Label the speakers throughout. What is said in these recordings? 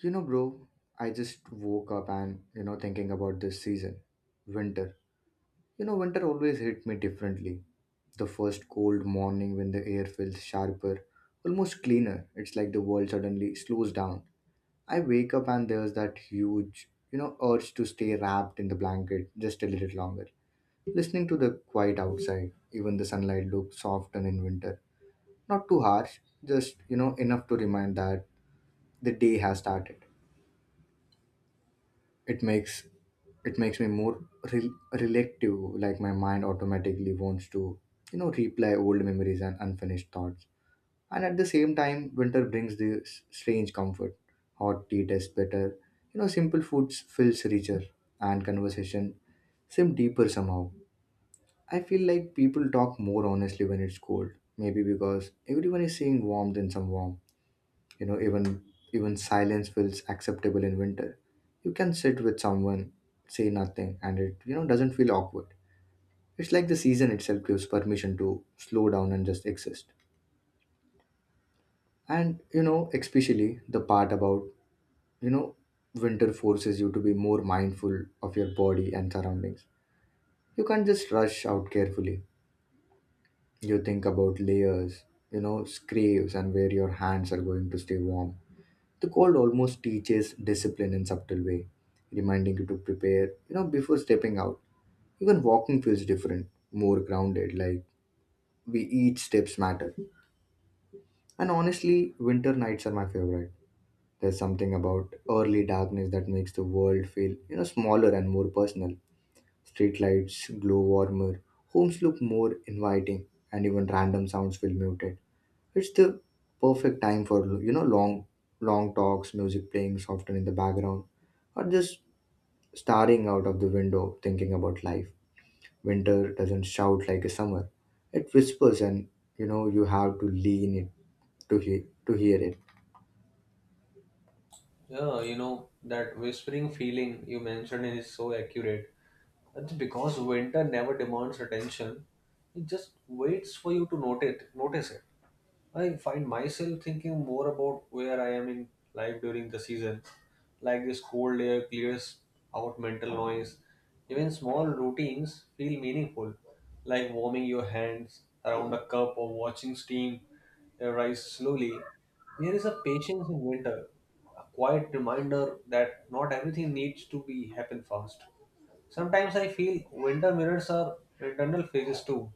Speaker 1: Bro, I just woke up and, thinking about this season, winter. Winter always hit me differently. The first cold morning when the air feels sharper, almost cleaner, it's like the world suddenly slows down. I wake up and there's that huge, urge to stay wrapped in the blanket just a little longer. Listening to the quiet outside, even the sunlight looks softer in winter. Not too harsh, just, enough to remind that the day has started. it makes it makes me more rel- relative. Like my mind automatically wants to replay old memories and unfinished thoughts. And at the same time, winter brings this strange comfort. Hot tea tastes better, simple foods feels richer, and conversation seem deeper somehow. I feel like people talk more honestly when it's cold, maybe because everyone is seeing warmth in some warmth. you know even even silence feels acceptable in winter. You can sit with someone, say nothing, and it doesn't feel awkward. It's like the season itself gives permission to slow down and just exist. And especially the part about, you know winter forces you to be more mindful of your body and surroundings. You can't just rush out carefully. You think about layers, scraves, and where your hands are going to stay warm. The cold almost teaches discipline in subtle way, reminding you to prepare, before stepping out. Even walking feels different, more grounded, like we each steps matter. And honestly, winter nights are my favorite. There's something about early darkness that makes the world feel, smaller and more personal. Street lights glow warmer, homes look more inviting, and even random sounds feel muted. It's the perfect time for, long talks, music playing softly in the background, or just staring out of the window thinking about life. Winter doesn't shout like a summer. It whispers, and you have to lean it to hear it.
Speaker 2: Yeah, you know, that whispering feeling you mentioned is so accurate. That's because winter never demands attention. It just waits for you to notice it. I find myself thinking more about where I am in life during the season. Like this cold air clears out mental noise. Even small routines feel meaningful, like warming your hands around a cup or watching steam rise slowly. There is a patience in winter, a quiet reminder that not everything needs to be happen fast. Sometimes I feel winter mirrors are internal phases too,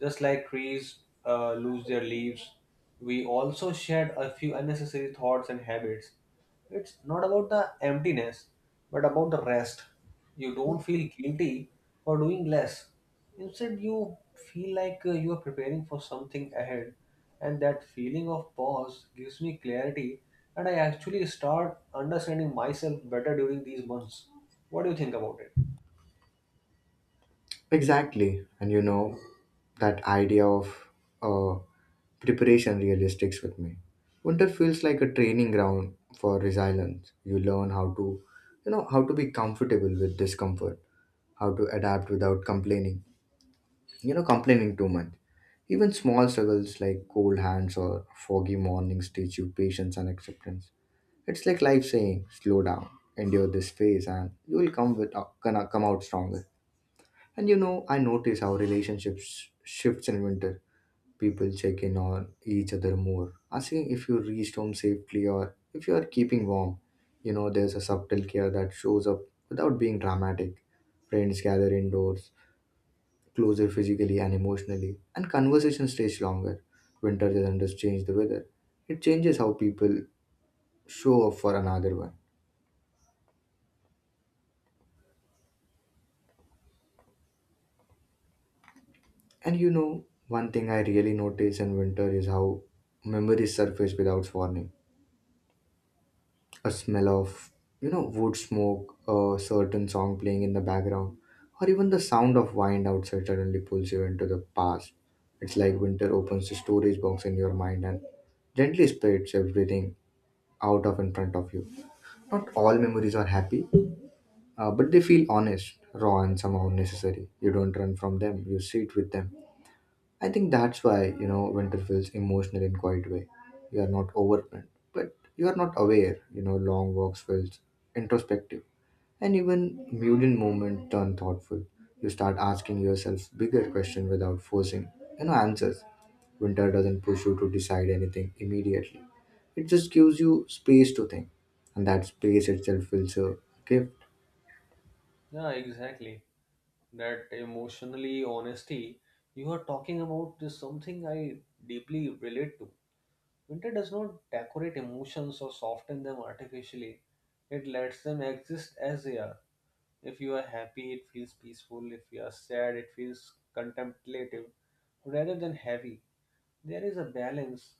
Speaker 2: just like trees lose their leaves, we also shed a few unnecessary thoughts and habits. It's not about the emptiness, but about the rest. You don't feel guilty for doing less. Instead, you feel like you are preparing for something ahead, and that feeling of pause gives me clarity, and I actually start understanding myself better during these months. What do you think about it?
Speaker 1: Exactly. And that idea of uh, preparation really sticks with me. Winter feels like a training ground for resilience. You learn how to be comfortable with discomfort, how to adapt without complaining too much. Even small struggles like cold hands or foggy mornings teach you patience and acceptance. It's like life saying, slow down, endure this phase, and you will come with gonna come out stronger. And I notice how relationships shifts in winter. People check in on each other more, asking if you reached home safely or if you are keeping warm. There's a subtle care that shows up without being dramatic. Friends gather indoors, closer physically and emotionally, and conversation stays longer. Winter doesn't just change the weather, it changes how people show up for another one. And one thing I really notice in winter is how memories surface without warning. A smell of, wood smoke, a certain song playing in the background, or even the sound of wind outside suddenly pulls you into the past. It's like winter opens the storage box in your mind and gently spreads everything out of in front of you. Not all memories are happy, but they feel honest, raw, and somehow necessary. You don't run from them, you sit with them. I think that's why, winter feels emotional in quiet way. You are not overwhelmed, but you are not aware. Long walks feels introspective, and even muted moments turn thoughtful. You start asking yourself bigger questions without forcing, answers. Winter doesn't push you to decide anything immediately. It just gives you space to think, and that space itself feels a gift.
Speaker 2: Yeah, exactly. That emotionally honesty you are talking about is something I deeply relate to. Winter does not decorate emotions or soften them artificially. It lets them exist as they are. If you are happy, it feels peaceful. If you are sad, it feels contemplative rather than heavy. There is a balance,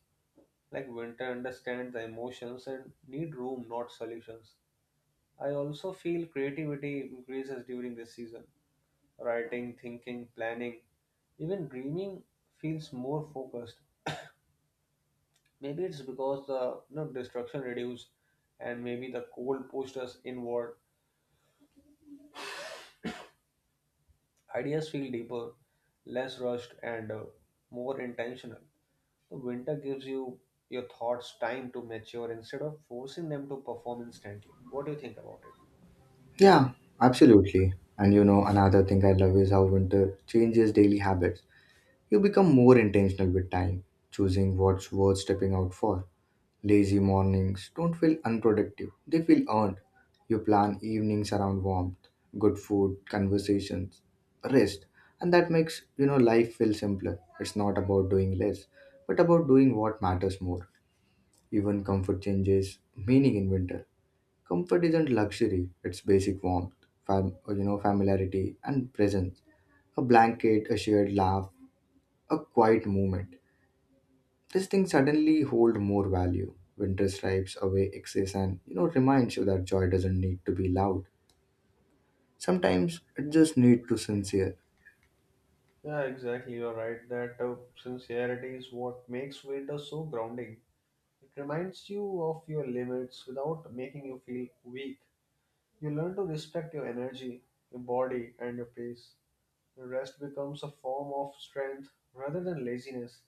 Speaker 2: like winter understands the emotions and need room, not solutions. I also feel creativity increases during this season. Writing, thinking, planning, even dreaming feels more focused. Maybe it's because the destruction reduces, and maybe the cold pushed us inward. Ideas feel deeper, less rushed, and more intentional. The winter gives you your thoughts time to mature instead of forcing them to perform instantly. What do you think about it?
Speaker 1: Yeah, absolutely. And another thing I love is how winter changes daily habits. You become more intentional with time, choosing what's worth stepping out for. Lazy mornings don't feel unproductive, they feel earned. You plan evenings around warmth, good food, conversations, rest, and that makes life feel simpler. It's not about doing less, but about doing what matters more. Even comfort changes meaning in winter. Comfort isn't luxury, it's basic warmth, familiarity and presence. A blanket, a shared laugh, a quiet moment. These things suddenly hold more value. Winter stripes away excess and reminds you that joy doesn't need to be loud. Sometimes it just need to sincere.
Speaker 2: Yeah, exactly. You're right that sincerity is what makes winter so grounding. It reminds you of your limits without making you feel weak. You learn to respect your energy, your body, and your pace. Your rest becomes a form of strength rather than laziness.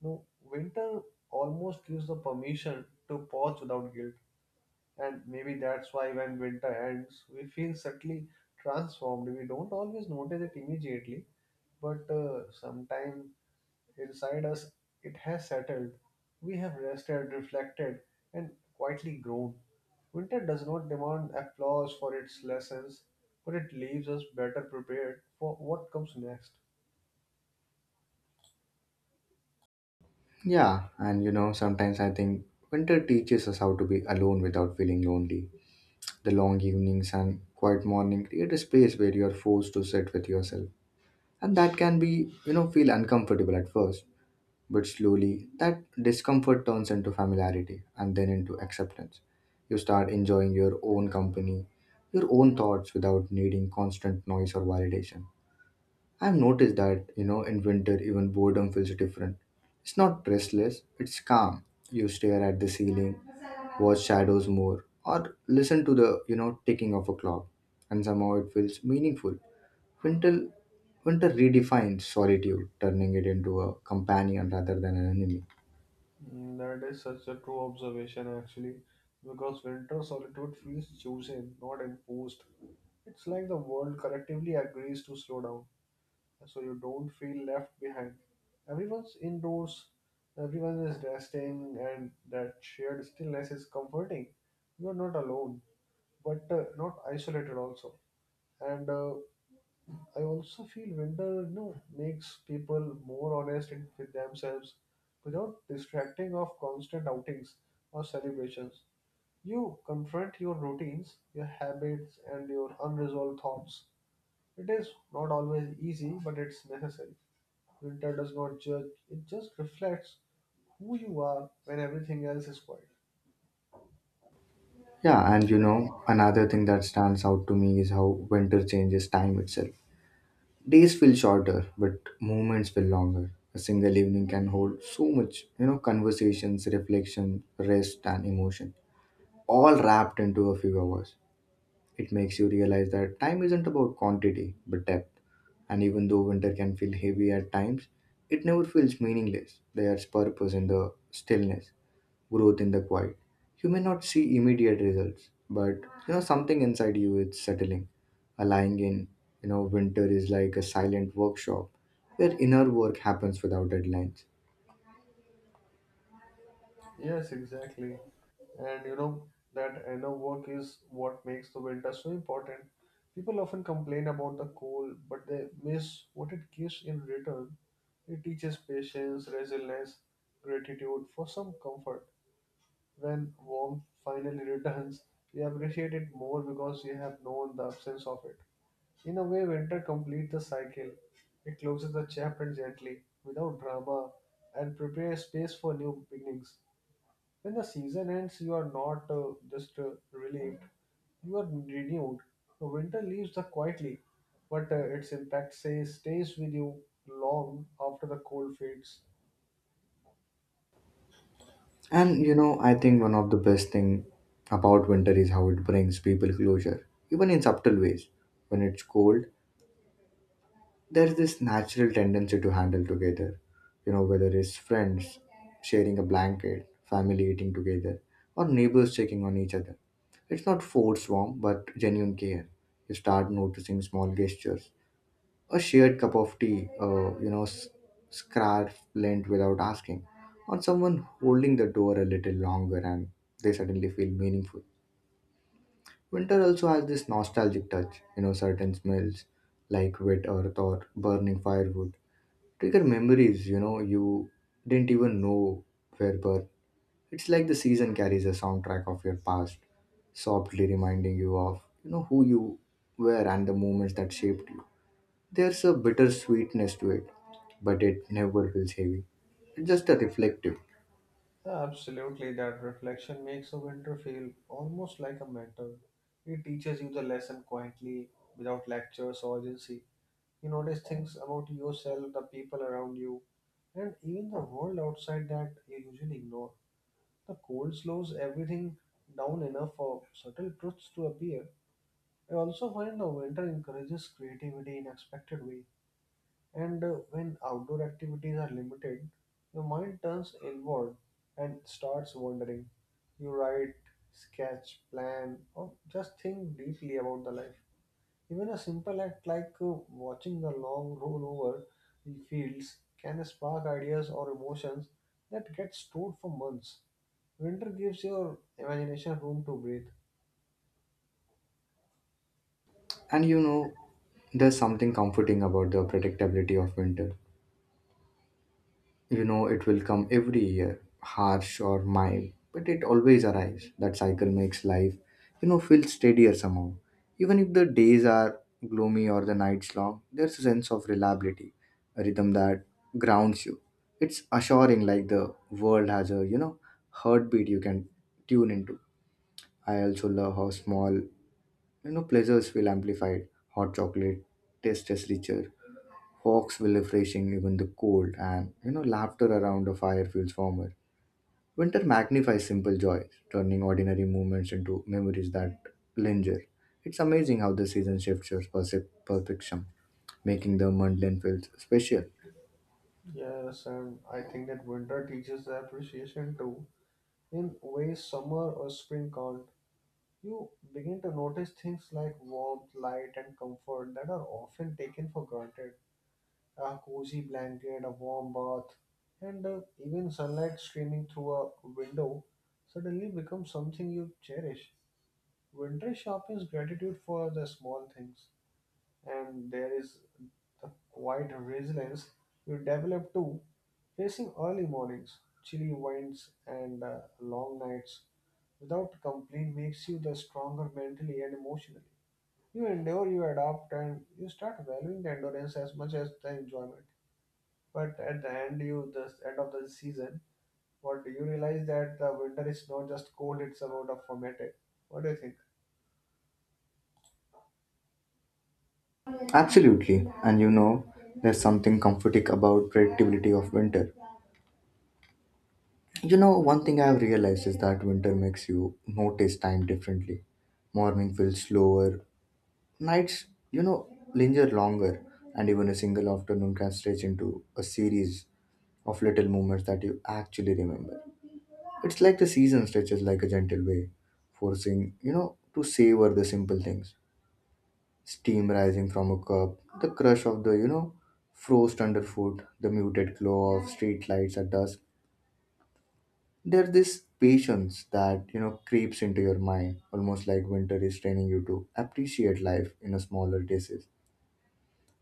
Speaker 2: No, winter almost gives the permission to pause without guilt. And maybe that's why, when winter ends, we feel subtly transformed. We don't always notice it immediately, but sometime inside us, it has settled. We have rested, reflected, and quietly grown. Winter does not demand applause for its lessons, but it leaves us better prepared for what comes next.
Speaker 1: Yeah, and sometimes I think winter teaches us how to be alone without feeling lonely. The long evenings and quiet morning create a space where you are forced to sit with yourself, and that can be feel uncomfortable at first. But slowly, that discomfort turns into familiarity and then into acceptance. You start enjoying your own company, your own thoughts without needing constant noise or validation. I've noticed that, in winter even boredom feels different. It's not restless, it's calm. You stare at the ceiling, watch shadows more, or listen to the, ticking of a clock. And somehow it feels meaningful. Winter winter redefines solitude, turning it into a companion rather than an enemy.
Speaker 2: Mm, that is such a true observation, actually, because winter solitude feels chosen, not imposed. It's like the world collectively agrees to slow down, so you don't feel left behind. Everyone's indoors, everyone is resting, and that shared stillness is comforting. You are not alone, but not isolated also. And I also feel winter, you know, makes people more honest in- with themselves, without distracting of constant outings or celebrations. You confront your routines, your habits, and your unresolved thoughts. It is not always easy, but it's necessary. Winter does not judge, it just reflects who you are when everything else is quiet.
Speaker 1: Yeah, and another thing that stands out to me is how winter changes time itself. Days feel shorter, but moments feel longer. A single evening can hold so much, conversations, reflection, rest, and emotion, all wrapped into a few hours. It makes you realize that time isn't about quantity, but depth. And even though winter can feel heavy at times, it never feels meaningless. There's purpose in the stillness, growth in the quiet. You may not see immediate results, but something inside you is settling. A lying in, winter is like a silent workshop where inner work happens without deadlines.
Speaker 2: Yes, exactly. And you know, that inner work is what makes the winter so important. People often complain about the cold, but they miss what it gives in return. It teaches patience, resilience, gratitude for some comfort. When warmth finally returns, we appreciate it more because we have known the absence of it. In a way, winter completes the cycle. It closes the chapter gently, without drama, and prepares space for new beginnings. When the season ends, you are not just relieved, you are renewed. The winter leaves the quietly, but its impact says stays with you long after the cold fades.
Speaker 1: And I think one of the best thing about winter is how it brings people closure, even in subtle ways. When it's cold, there's this natural tendency to handle together, whether it's friends sharing a blanket, family eating together, or neighbors checking on each other. It's not forced warmth, but genuine care. You start noticing small gestures, a shared cup of tea, scarf lent without asking, or someone holding the door a little longer, and they suddenly feel meaningful. Winter also has this nostalgic touch, certain smells like wet earth or burning firewood trigger memories you didn't even know were birth. It's like the season carries a soundtrack of your past, softly reminding you of who you were and the moments that shaped you. There's a bitter sweetness to it, but it never feels heavy. It's just a reflective.
Speaker 2: Absolutely, that reflection makes a winter feel almost like a mentor. It teaches you the lesson quietly, without lectures or urgency. You notice things about yourself, the people around you, and even the world outside that you usually ignore. The cold slows everything down enough for subtle truths to appear. I also find the winter encourages creativity in unexpected ways. And when outdoor activities are limited, your mind turns inward and starts wondering. You write, sketch, plan, or just think deeply about the life. Even a simple act like watching the long roll over the fields can spark ideas or emotions that get stored for months. Winter gives your imagination room to breathe.
Speaker 1: And there's something comforting about the predictability of winter. It will come every year, harsh or mild, but it always arrives. That cycle makes life feel steadier somehow. Even if the days are gloomy or the nights long, there's a sense of reliability, a rhythm that grounds you. It's assuring, like the world has a heartbeat you can tune into. I also love how small pleasures feel amplified. Hot chocolate tastes richer, Hawks will refreshing even the cold, and laughter around a fire feels warmer. Winter magnifies simple joys, turning ordinary moments into memories that linger. It's amazing how the season shifts your perception, making the mundane feel special.
Speaker 2: Yes, and I think that winter teaches the appreciation too, in ways summer or spring can't. You begin to notice things like warmth, light, and comfort that are often taken for granted. A cozy blanket, a warm bath, and even sunlight streaming through a window suddenly becomes something you cherish. Winter sharpens gratitude for the small things, and there is the quiet resilience you develop too, facing early mornings, chilly winds, and long nights without complaint makes you the stronger mentally and emotionally. You endure, you adapt, and you start valuing the endurance as much as the enjoyment. But at the end, you the end of the season, what do you realize that the winter is not just cold; it's about a formative. What do you think?
Speaker 1: Absolutely, and there's something comforting about predictability of winter. One thing I've realized is that winter makes you notice time differently. Morning feels slower. Nights, you know, linger longer, and even a single afternoon can stretch into a series of little moments that you actually remember. It's like the season stretches like a gentle way, forcing, to savor the simple things. Steam rising from a cup, the crush of the, frost underfoot, the muted glow of street lights at dusk. There's this patience that, creeps into your mind, almost like winter is training you to appreciate life in a smaller doses.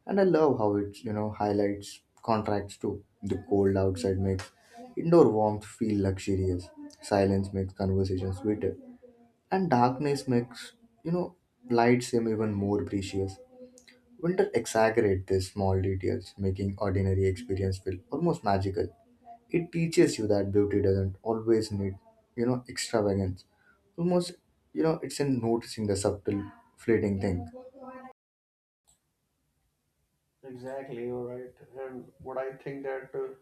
Speaker 1: And I love how it, highlights contracts too. The cold outside makes indoor warmth feel luxurious. Silence makes conversation sweeter. And darkness makes, you know, light seem even more precious. Winter exaggerates these small details, making ordinary experience feel almost magical. It teaches you that beauty doesn't always need, extravagance. Almost, it's in noticing the subtle, fleeting thing.
Speaker 2: Exactly, you're right. And what I think that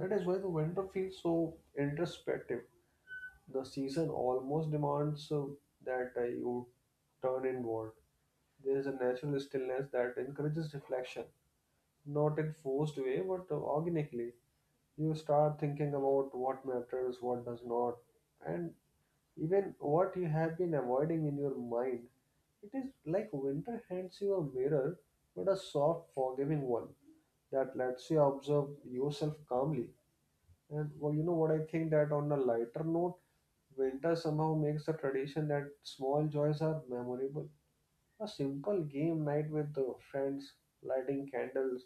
Speaker 2: that is why the winter feels so introspective. The season almost demands that you turn inward. There is a natural stillness that encourages reflection, not in forced way, but organically. You start thinking about what matters, what does not, and even what you have been avoiding in your mind. It is like winter hands you a mirror, but a soft, forgiving one that lets you observe yourself calmly. And well, you know what I think that on a lighter note, winter somehow makes the tradition that small joys are memorable. A simple game night with the friends, lighting candles,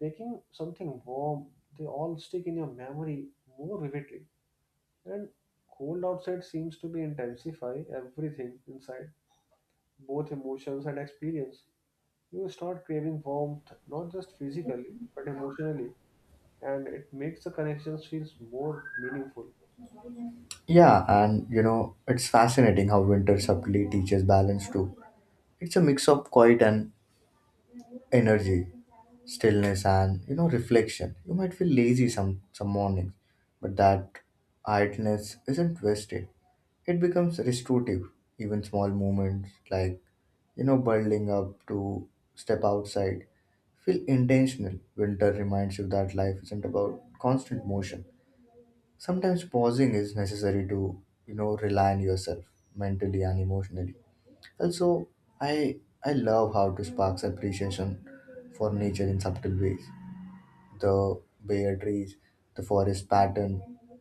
Speaker 2: baking something warm, they all stick in your memory more vividly. And cold outside seems to be intensify everything inside, both emotions and experience. You start craving warmth, not just physically, but emotionally, and it makes the connections feels more meaningful.
Speaker 1: Yeah, and it's fascinating how winter subtly teaches balance too. It's a mix of quiet and energy, stillness and reflection. You might feel lazy some mornings, but that idleness isn't wasted. It becomes restorative. Even small moments like, bundling up to step outside feel intentional. Winter reminds you that life isn't about constant motion. Sometimes pausing is necessary to, rely on yourself mentally and emotionally. Also, I I love how to sparks appreciation for nature in subtle ways. The bare trees, the forest pattern,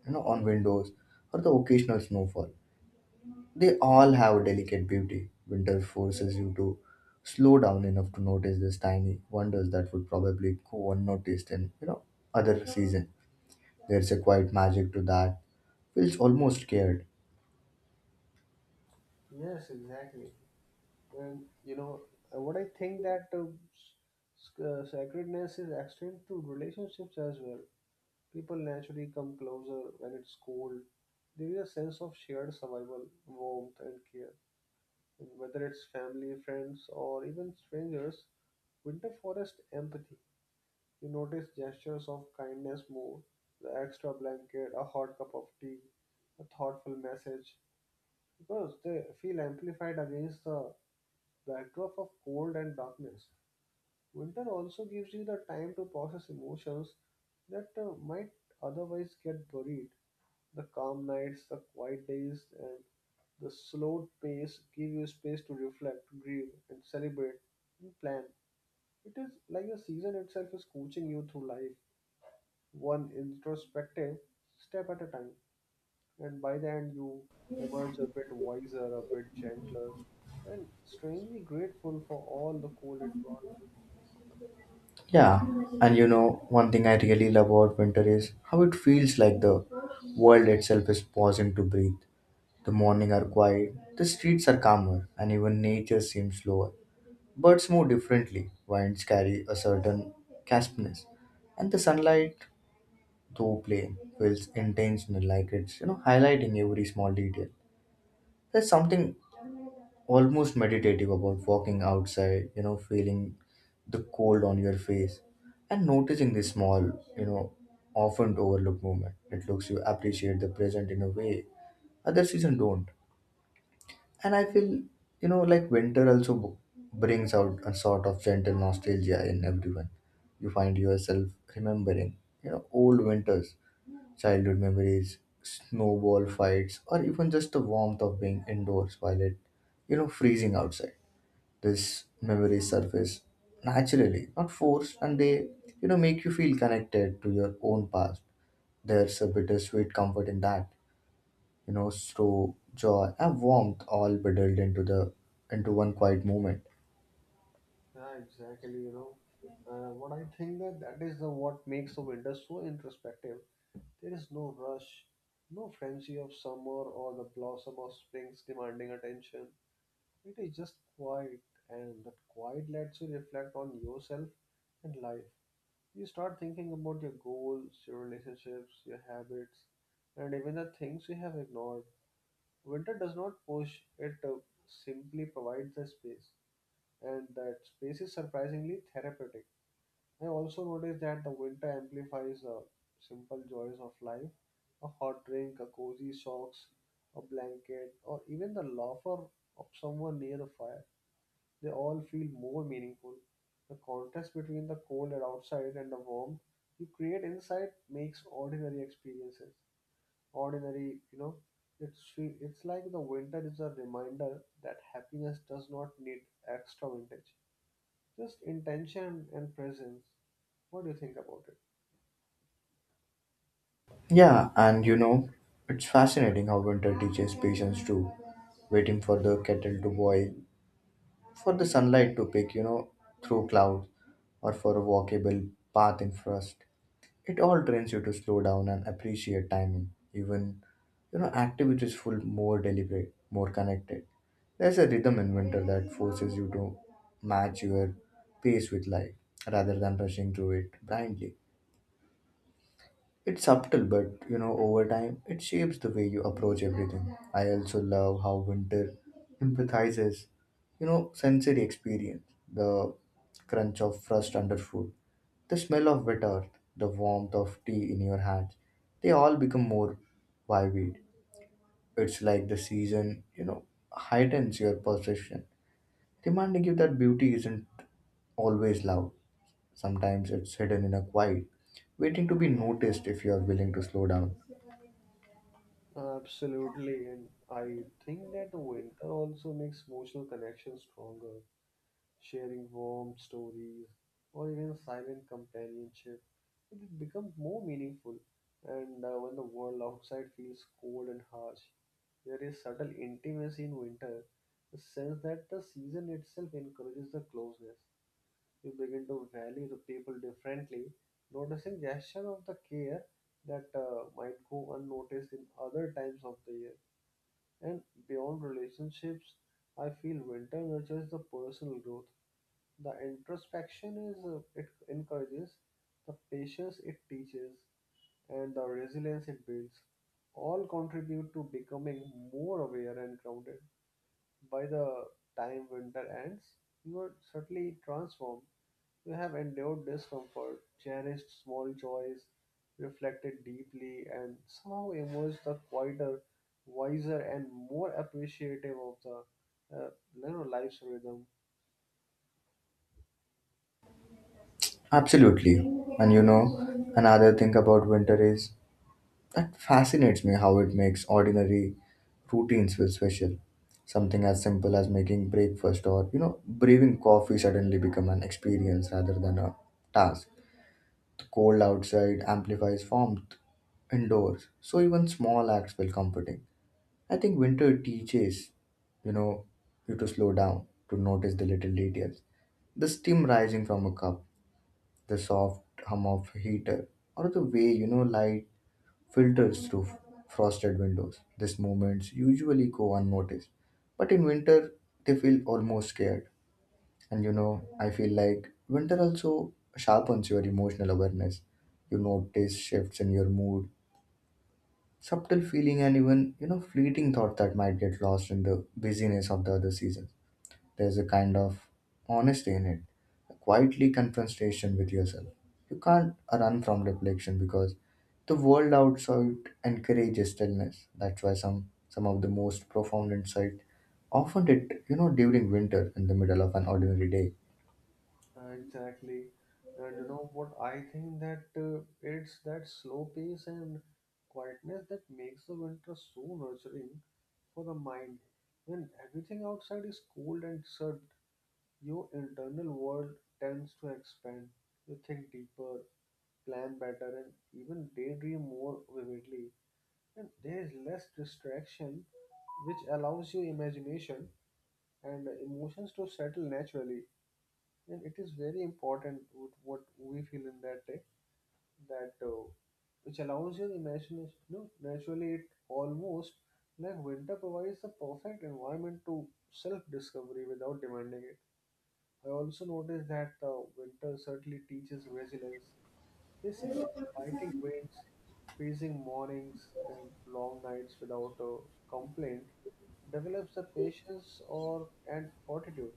Speaker 1: on windows, or the occasional snowfall. They all have a delicate beauty. Winter forces you to slow down enough to notice these tiny wonders that would probably go unnoticed in other season. There's a quiet magic to that. Feels almost scared.
Speaker 2: Yes, exactly. And you know what I think that sacredness is extended to relationships as well. People naturally come closer when it's cold. There is a sense of shared survival, warmth, and care. Whether it's family, friends, or even strangers, winter forest empathy. You notice gestures of kindness more, the extra blanket, a hot cup of tea, a thoughtful message, because they feel amplified against the backdrop of cold and darkness. Winter also gives you the time to process emotions that might otherwise get buried. The calm nights, the quiet days, and the slow pace give you space to reflect, grieve, and celebrate and plan. It is like the season itself is coaching you through life, one introspective step at a time. And by the end, you emerge a bit wiser, a bit gentler, and strangely grateful for all the cold it brought.
Speaker 1: Yeah, and one thing I really love about winter is how it feels like the world itself is pausing to breathe. The morning are quiet, the streets are calmer, and even nature seems slower. Birds move differently, winds carry a certain crispness, and the sunlight, though plain, feels intentional, like it's highlighting every small detail. There's something almost meditative about walking outside, feeling the cold on your face and noticing the small, you know, often overlooked moment. It looks you appreciate the present in a way other season don't. And I feel, like winter also brings out a sort of gentle nostalgia in everyone. You find yourself remembering, old winters, childhood memories, snowball fights, or even just the warmth of being indoors while it freezing outside this memories surface naturally, not forced, and they make you feel connected to your own past. There's a bittersweet comfort in that, slow joy and warmth all bundled into the into one quiet moment.
Speaker 2: Yeah, exactly. You know, what I think that that is the what makes the winter so introspective. There is no rush, no frenzy of summer or the blossom of springs demanding attention. It is just quiet, and that quiet lets you reflect on yourself and life. You start thinking about your goals, your relationships, your habits, and even the things you have ignored. Winter does not push; it simply provides the space, and that space is surprisingly therapeutic. I also noticed that the winter amplifies the simple joys of life: a hot drink, a cozy socks, a blanket, or even the laughter of someone near the fire. They all feel more meaningful. The contrast between the cold and outside and the warmth you create inside makes ordinary experiences. Ordinary, you know, it's like the winter is a reminder that happiness does not need extra vintage. Just intention and presence. What do you think about it?
Speaker 1: Yeah, and it's fascinating how winter teaches patience too. Waiting for the kettle to boil, for the sunlight to peek through clouds, or for a walkable path in frost. It all trains you to slow down and appreciate timing. Even activities feel more deliberate, more connected. There's a rhythm in winter that forces you to match your pace with life rather than rushing through it blindly. It's subtle, but over time, it shapes the way you approach everything. I also love how winter empathizes, sensory experience, the crunch of frost underfoot, the smell of wet earth, the warmth of tea in your hands, they all become more vivid. It's like the season, heightens your perception, reminding you that beauty isn't always loud. Sometimes it's hidden in a quiet, waiting to be noticed if you are willing to slow down.
Speaker 2: Absolutely, and I think that the winter also makes emotional connections stronger. Sharing warm stories or even silent companionship, it becomes more meaningful. And when the world outside feels cold and harsh, there is subtle intimacy in winter, the sense that the season itself encourages the closeness. You begin to value the people differently, noticing gesture of the care that might go unnoticed in other times of the year. And beyond relationships, I feel winter nurtures the personal growth. The introspection is it encourages, the patience it teaches, and the resilience it builds all contribute to becoming more aware and grounded. By the time winter ends, you are certainly transformed. You have endured discomfort, cherished small joys, reflected deeply, and somehow emerged the quieter, wiser, and more appreciative of the life's rhythm.
Speaker 1: Absolutely. And another thing about winter is that fascinates me how it makes ordinary routines feel special. Something as simple as making breakfast or brewing coffee suddenly become an experience rather than a task. The cold outside amplifies warmth indoors, so even small acts feel comforting. I think winter teaches, you know, you to slow down, to notice the little details. The steam rising from a cup, the soft hum of heater, or the way light filters through frosted windows. These movements usually go unnoticed, but in winter they feel almost scared. And I feel like winter also sharpens your emotional awareness. You notice shifts in your mood, subtle feeling, and even fleeting thought that might get lost in the busyness of the other seasons. There's a kind of honesty in it, a quietly confrontation with yourself. You can't run from reflection because the world outside encourages stillness. That's why some of the most profound insight often it during winter in the middle of an ordinary day.
Speaker 2: Exactly. And you know what? I think that it's that slow pace and quietness that makes the winter so nurturing for the mind. When everything outside is cold and shut, your internal world tends to expand. You think deeper, plan better, and even daydream more vividly. And there is less distraction, which allows your imagination and emotions to settle naturally, and it is very important what we feel in that day that which allows your imagination. No, naturally it almost like winter provides the perfect environment to self-discovery without demanding it. I also noticed that the winter certainly teaches resilience. Facing biting winds, freezing mornings, and long nights without a complaint develops the patience or and fortitude.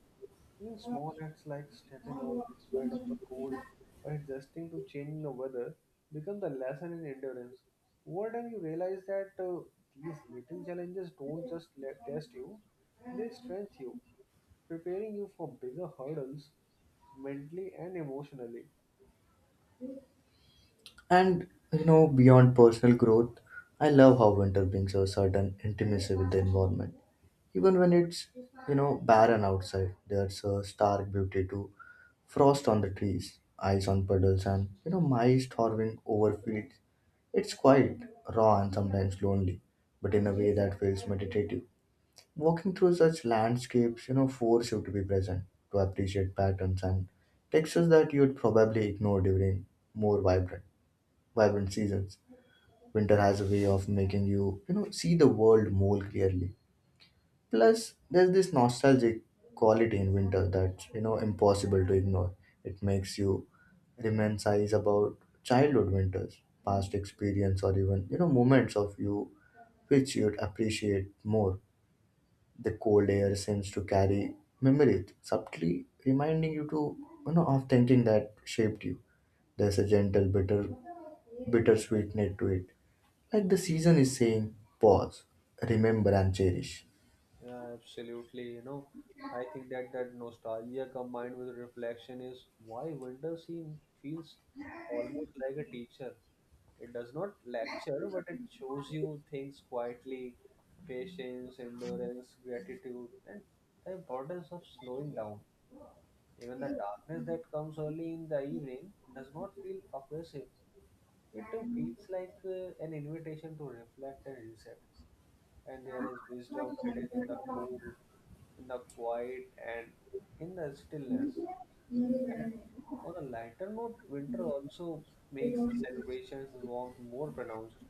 Speaker 2: Even small acts like stepping out despite of the cold or adjusting to changing the weather become the lesson in endurance. Over time, you realize that these little challenges don't just let, test you; they strengthen you, preparing you for bigger hurdles mentally and emotionally.
Speaker 1: And beyond personal growth, I love how winter brings a certain intimacy with the environment. Even when it's barren outside, there's a stark beauty to frost on the trees, ice on puddles, and mice towering over fields. It's quite raw and sometimes lonely, but in a way that feels meditative. Walking through such landscapes, force you to be present, to appreciate patterns and textures that you'd probably ignore during more vibrant, vibrant seasons. Winter has a way of making you, see the world more clearly. Plus, there's this nostalgic quality in winter that's impossible to ignore. It makes you reminisce about childhood winters, past experience, or even moments of you which you'd appreciate more. The cold air seems to carry memories, subtly reminding you to of thinking that shaped you. There's a bittersweet note to it, like the season is saying, pause, remember, and cherish.
Speaker 2: Yeah, absolutely. You know, I think that that nostalgia combined with reflection is why winter seem feels almost like a teacher. It does not lecture, but it shows you things quietly, patience, endurance, gratitude, and the importance of slowing down. Even the darkness that comes early in the evening does not feel oppressive. It feels like an invitation to reflect and reset. And there is wisdom hidden in the cold, in the quiet, and in the stillness. And on a lighter note, winter also makes the celebrations warmth more pronounced.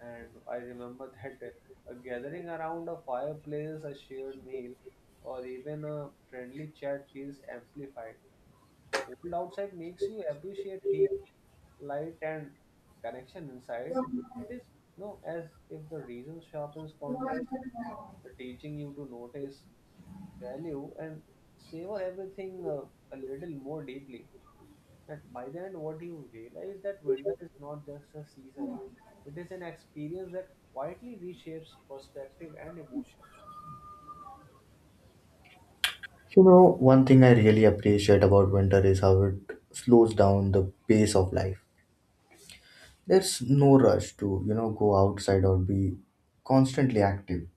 Speaker 2: And I remember that a gathering around a fireplace, a shared meal, or even a friendly chat feels amplified. Cold outside makes you appreciate heat, light, and connection inside. It is no as if the reason sharpens contrast, the teaching you to notice, value, and savor everything a little more deeply. And by the end, what you realize that winter is not just a season; it is an experience that quietly reshapes perspective and emotion.
Speaker 1: You know, one thing I really appreciate about winter is how it slows down the pace of life. There's no rush to go outside or be constantly active.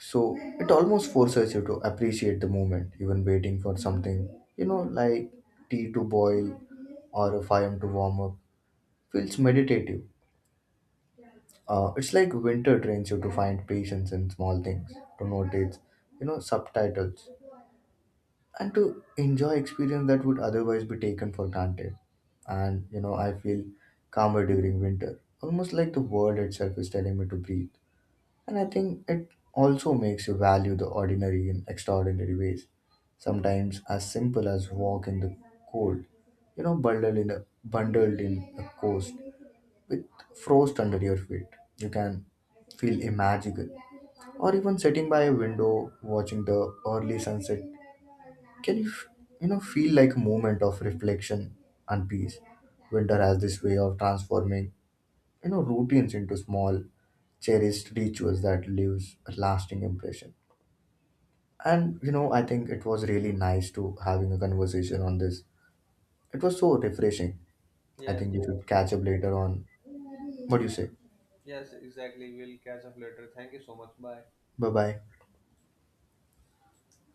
Speaker 1: So it almost forces you to appreciate the moment, even waiting for something, like tea to boil or a fire to warm up. Feels meditative. It's like winter trains you to find patience in small things, to notice subtitles and to enjoy experience that would otherwise be taken for granted. And I feel calmer during winter, almost like the world itself is telling me to breathe. And I think it also makes you value the ordinary in extraordinary ways. Sometimes as simple as walk in the cold, bundled in a coast with frost under your feet. You can feel magical. Or even sitting by a window watching the early sunset can you feel like a moment of reflection and peace? Winter has this way of transforming, routines into small, cherished rituals that leaves a lasting impression. And I think it was really nice to having a conversation on this. It was so refreshing. I
Speaker 2: Yes,
Speaker 1: think we should catch up later on. What do you say?
Speaker 2: yes, exactly. We'll catch up later. Thank you so much. Bye.
Speaker 1: Bye bye.